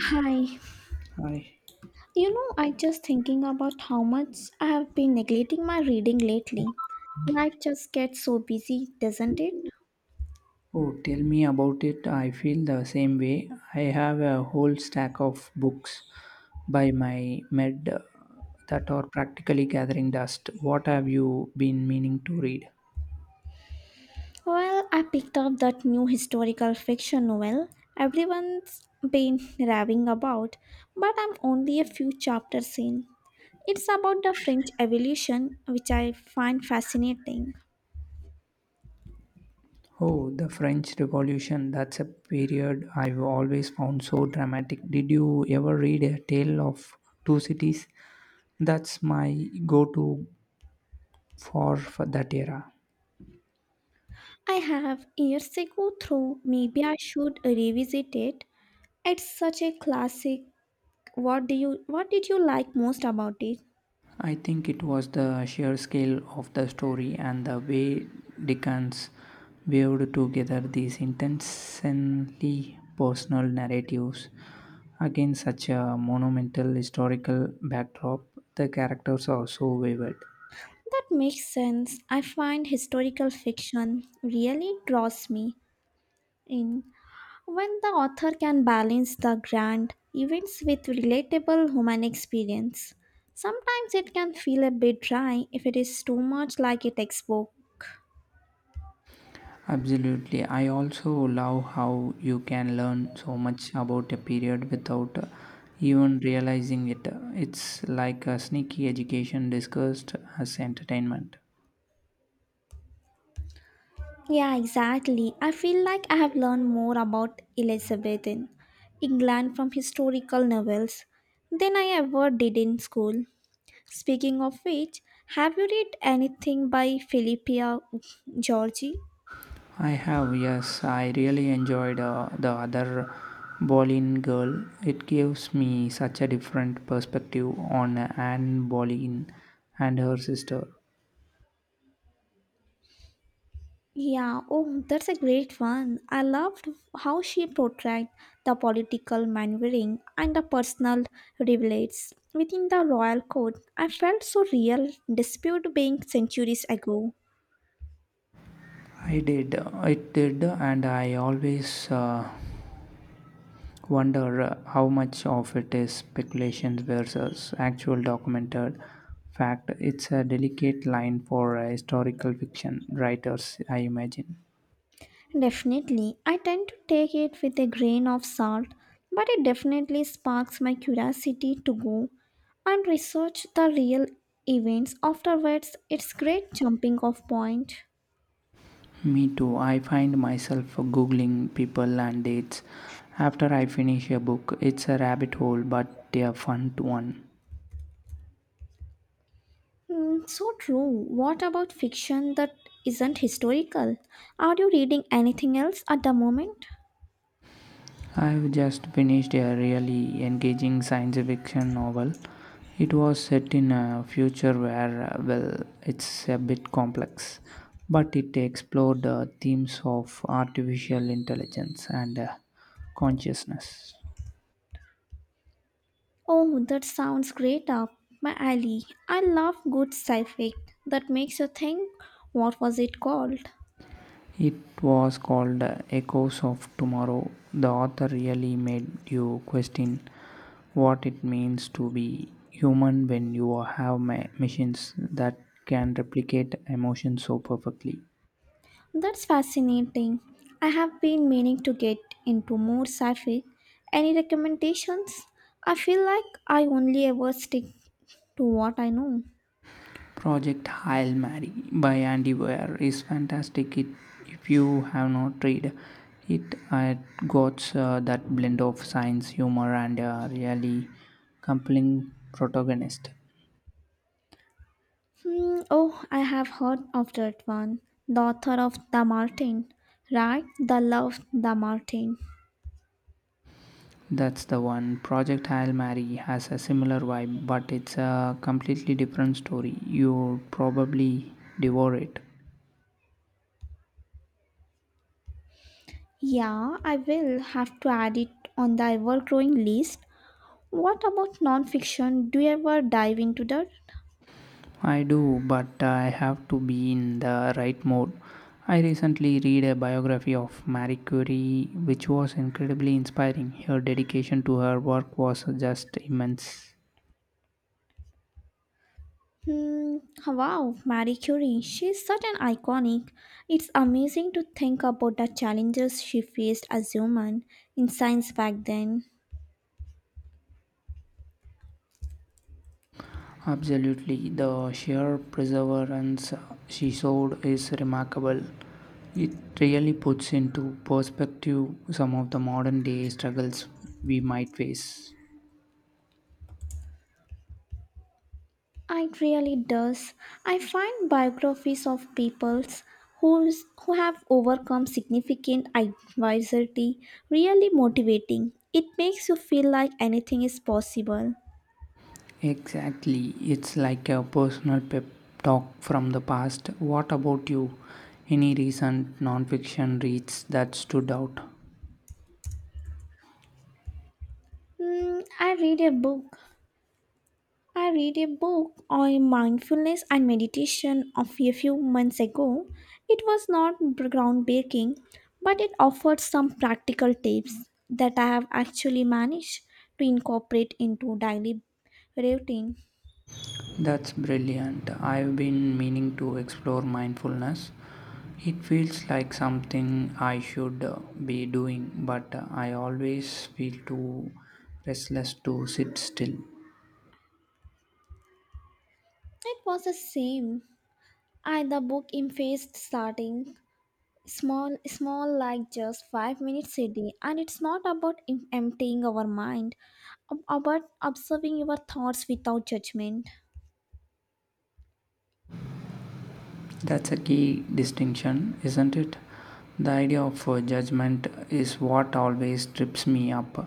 Hi. Hi. I just thinking about how much I have been neglecting my reading lately. Life just gets so busy, doesn't it? Oh, tell me about it. I feel the same way. I have a whole stack of books by my med that are practically gathering dust. What have you been meaning to read? Well, I picked up that new historical fiction novel everyone's been raving about, but I'm only a few chapters in. It's about the French Revolution, which I find fascinating. Oh, the French Revolution. That's a period I've always found so dramatic. Did you ever read A Tale of Two Cities? That's my go to for that era. I have years ago through maybe I should revisit it. It's such a classic. What did you like most about it? I think it was the sheer scale of the story and the way Dickens weaved together these intensely personal narratives against such a monumental historical backdrop. The characters are so vivid. That makes sense. I find historical fiction really draws me in when the author can balance the grand events with relatable human experience. Sometimes it can feel a bit dry if it is too much like a textbook. Absolutely. I also love how you can learn so much about a period without even realizing it. It's like a sneaky education discussed as entertainment. Yeah, exactly. I feel like I have learned more about Elizabethan England from historical novels than I ever did in school. Speaking of which, have you read anything by Philippia Georgi? I have, yes. I really enjoyed the other Boleyn girl. It gives me such a different perspective on Anne Boleyn and her sister. Yeah, oh, that's a great one. I loved how she portrayed the political maneuvering and the personal rivalities within the royal court. I felt so real, dispute being centuries ago. I did, it did, and I always wonder how much of it is speculation versus actual documented fact. It's a delicate line for historical fiction writers, I imagine. Definitely, I tend to take it with a grain of salt, but it definitely sparks my curiosity to go and research the real events afterwards. It's great jumping off point. Me too. I find myself googling people and dates after I finish a book. It's a rabbit hole, but a fun one. Hmm, so true. What about fiction that isn't historical? Are you reading anything else at the moment? I've just finished a really engaging science fiction novel. It was set in a future where, well, it's a bit complex, but it explored the themes of artificial intelligence and consciousness. Oh, that sounds great up my alley. I love good sci-fi that makes you think. What was it called? It was called Echoes of Tomorrow. The author really made you question what it means to be human when you have machines that can replicate emotions so perfectly. That's fascinating. I have been meaning to get into more sci-fi. Any recommendations? I feel like I only ever stick to what I know. Project Hail Mary by Andy Weir is fantastic. It, if you have not read it, it got that blend of science, humor, and a really compelling protagonist. Hmm, oh, I have heard of that one. The author of The Martin, right? The Love The Martin. That's the one. Project Hail Mary has a similar vibe, but it's a completely different story. You probably devour it. Yeah, I will have to add it on the ever growing list. What about non fiction? Do you ever dive into that? I do, but I have to be in the right mode. I recently read a biography of Marie Curie, which was incredibly inspiring. Her dedication to her work was just immense. Hmm, wow, Marie Curie. She's such an iconic. It's amazing to think about the challenges she faced as human in science back then. Absolutely, the sheer perseverance she showed is remarkable. It really puts into perspective some of the modern day struggles we might face. It really does. I find biographies of people's who's, who have overcome significant adversity really motivating. It makes you feel like anything is possible. Exactly, it's like a personal pep talk from the past. What about you? Any recent nonfiction reads that stood out? Hmm, I read a book on mindfulness and meditation of a few months ago. It was not groundbreaking, but it offered some practical tips that I have actually managed to incorporate into daily routine. That's brilliant. I've been meaning to explore mindfulness. It feels like something I should be doing, but I always feel too restless to sit still. It was the same. I the book emphasized starting small, small like just 5 minutes a day, and it's not about emptying our mind, about observing your thoughts without judgment. That's a key distinction, isn't it? The idea of judgment is what always trips me up.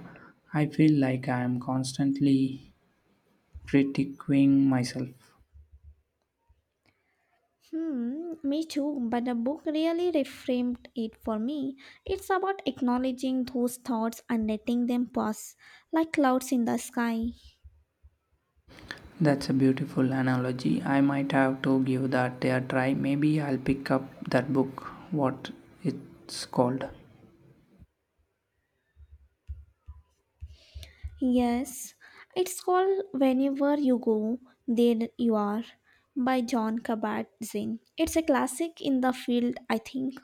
I feel like I am constantly critiquing myself. Hmm, me too, but the book really reframed it for me. It's about acknowledging those thoughts and letting them pass like clouds in the sky. That's a beautiful analogy. I might have to give that a try. Maybe I'll pick up that book. What it's called? Yes, it's called Whenever You Go, There You Are by John Kabat Zinn. It's a classic in the field, I think.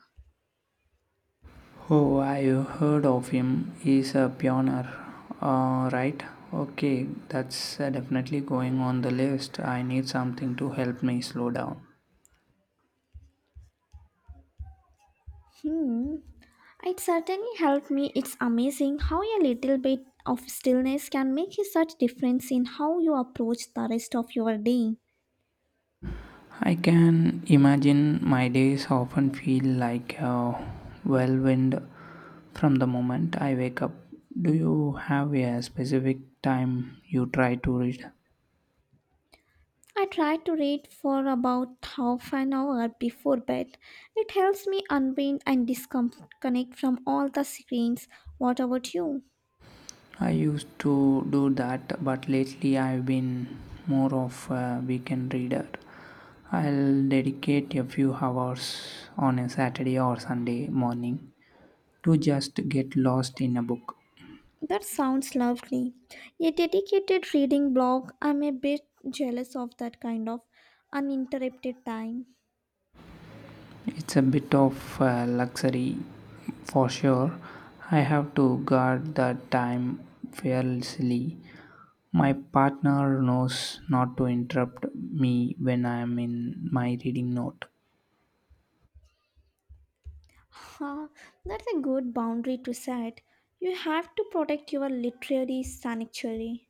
Oh, I have heard of him. He's a pioneer. Right? Okay, that's definitely going on the list. I need something to help me slow down. Hmm, it certainly helped me. It's amazing how a little bit of stillness can make such difference in how you approach the rest of your day. I can imagine my days often feel like a whirlwind from the moment I wake up. Do you have a specific time you try to read? I try to read for about half an hour before bed. It helps me unwind and disconnect from all the screens. What about you? I used to do that, but lately I've been more of a weekend reader. I'll dedicate a few hours on a Saturday or Sunday morning to just get lost in a book. That sounds lovely. A dedicated reading blog, I'm a bit jealous of that kind of uninterrupted time. It's a bit of a luxury for sure. I have to guard the time fearlessly. My partner knows not to interrupt me when I am in my reading note. Huh, that's a good boundary to set. You have to protect your literary sanctuary.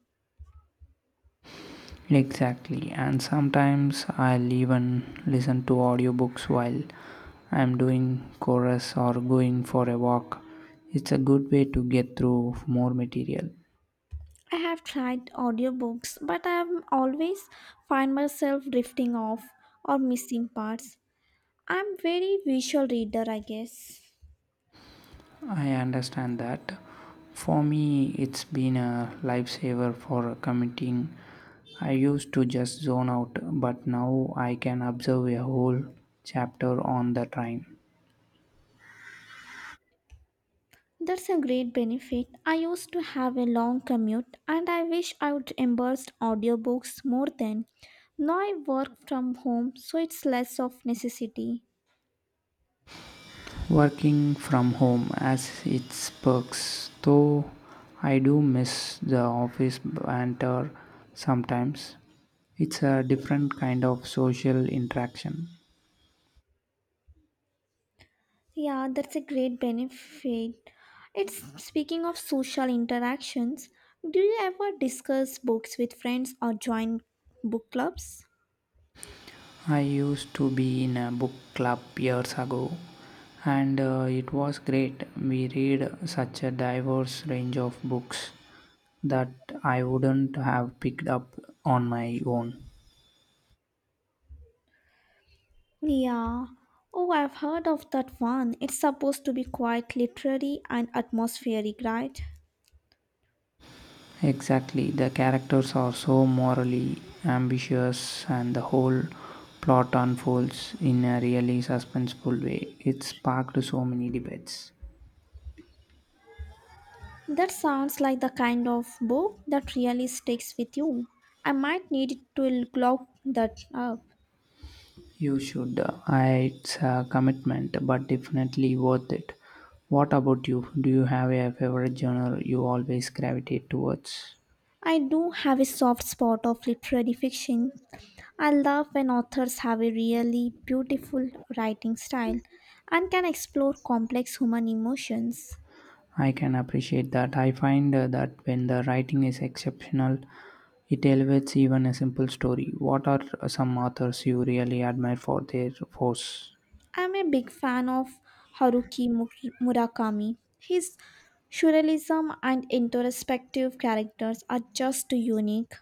Exactly, and sometimes I'll even listen to audiobooks while I'm doing chorus or going for a walk. It's a good way to get through more material. I have tried audiobooks, but I always find myself drifting off or missing parts. I'm very visual reader, I guess. I understand that. For me, it's been a lifesaver for committing. I used to just zone out, but now I can observe a whole chapter on the train. That's a great benefit. I used to have a long commute and I wish I would embrace audiobooks more then. Now I work from home, so it's less of necessity. Working from home as its perks, though I do miss the office banter sometimes. It's a different kind of social interaction. Yeah, that's a great benefit. It's speaking of social interactions, do you ever discuss books with friends or join book clubs? I used to be in a book club years ago, and it was great. We read such a diverse range of books that I wouldn't have picked up on my own. Yeah. Oh, I've heard of that one. It's supposed to be quite literary and atmospheric, right? Exactly, the characters are so morally ambitious, and the whole plot unfolds in a really suspenseful way. It sparked so many debates. That sounds like the kind of book that really sticks with you. I might need to look that up. You should. It's a commitment, but definitely worth it. What about you? Do you have a favorite genre you always gravitate towards? I do have a soft spot of literary fiction, I love when authors have a really beautiful writing style and can explore complex human emotions. I can appreciate that. I find that when the writing is exceptional, it elevates even a simple story. What are some authors you really admire for their force? I'm a big fan of Haruki Mu- Murakami. His surrealism and introspective characters are just unique.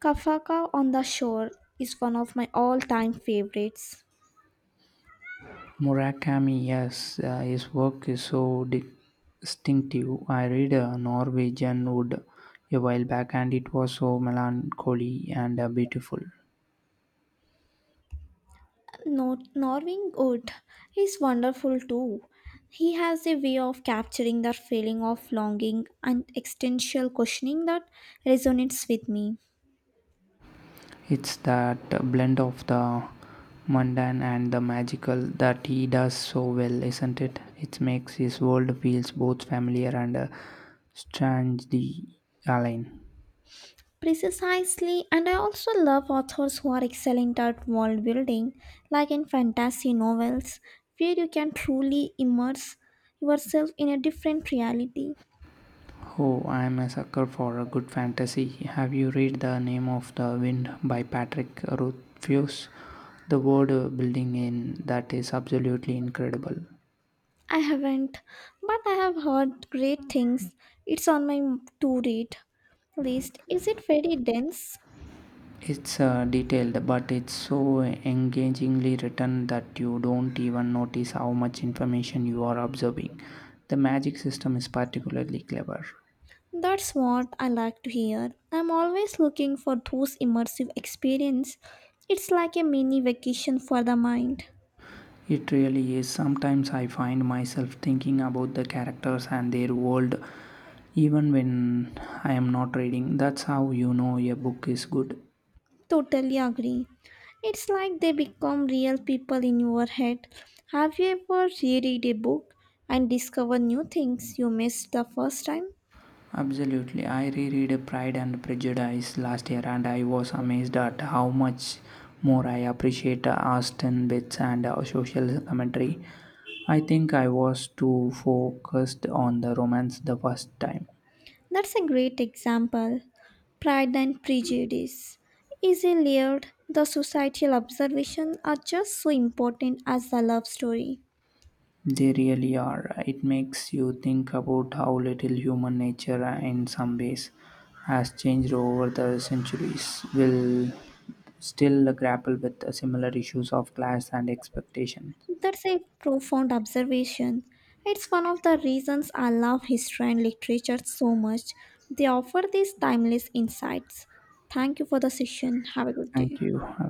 Kafka on the Shore is one of my all time favorites. Murakami, yes, his work is so distinctive. I read Norwegian Wood a while back and it was so melancholy and beautiful. Norwing Wood is wonderful too. He has a way of capturing that feeling of longing and existential questioning that resonates with me. It's that blend of the mundane and the magical that he does so well, isn't it? It makes his world feels both familiar and strangely alien. Precisely, and I also love authors who are excellent at world building, like in fantasy novels, where you can truly immerse yourself in a different reality. Oh, I am a sucker for a good fantasy. Have you read The Name of the Wind by Patrick Rothfuss? The world building in that is absolutely incredible. I haven't, but I have heard great things. It's on my to read list. Is it very dense? It's detailed, but it's so engagingly written that you don't even notice how much information you are absorbing. The magic system is particularly clever. That's what I like to hear. I'm always looking for those immersive experience. It's like a mini vacation for the mind. It really is. Sometimes I find myself thinking about the characters and their world even when I am not reading. That's how you know a book is good. Totally agree. It's like they become real people in your head. Have you ever reread a book and discover new things you missed the first time? Absolutely. I reread Pride and Prejudice last year and I was amazed at how much more I appreciate Austin bits and social commentary. I think I was too focused on the romance the first time. That's a great example. Pride and Prejudice is a layered. The societal observation are just so important as the love story. They really are. It makes you think about how little human nature, in some ways, has changed over the centuries. We'll still grapple with similar issues of class and expectation. That's a profound observation. It's one of the reasons I love history and literature so much. They offer these timeless insights. Thank you for the session. Have a good Thank day. you. Have a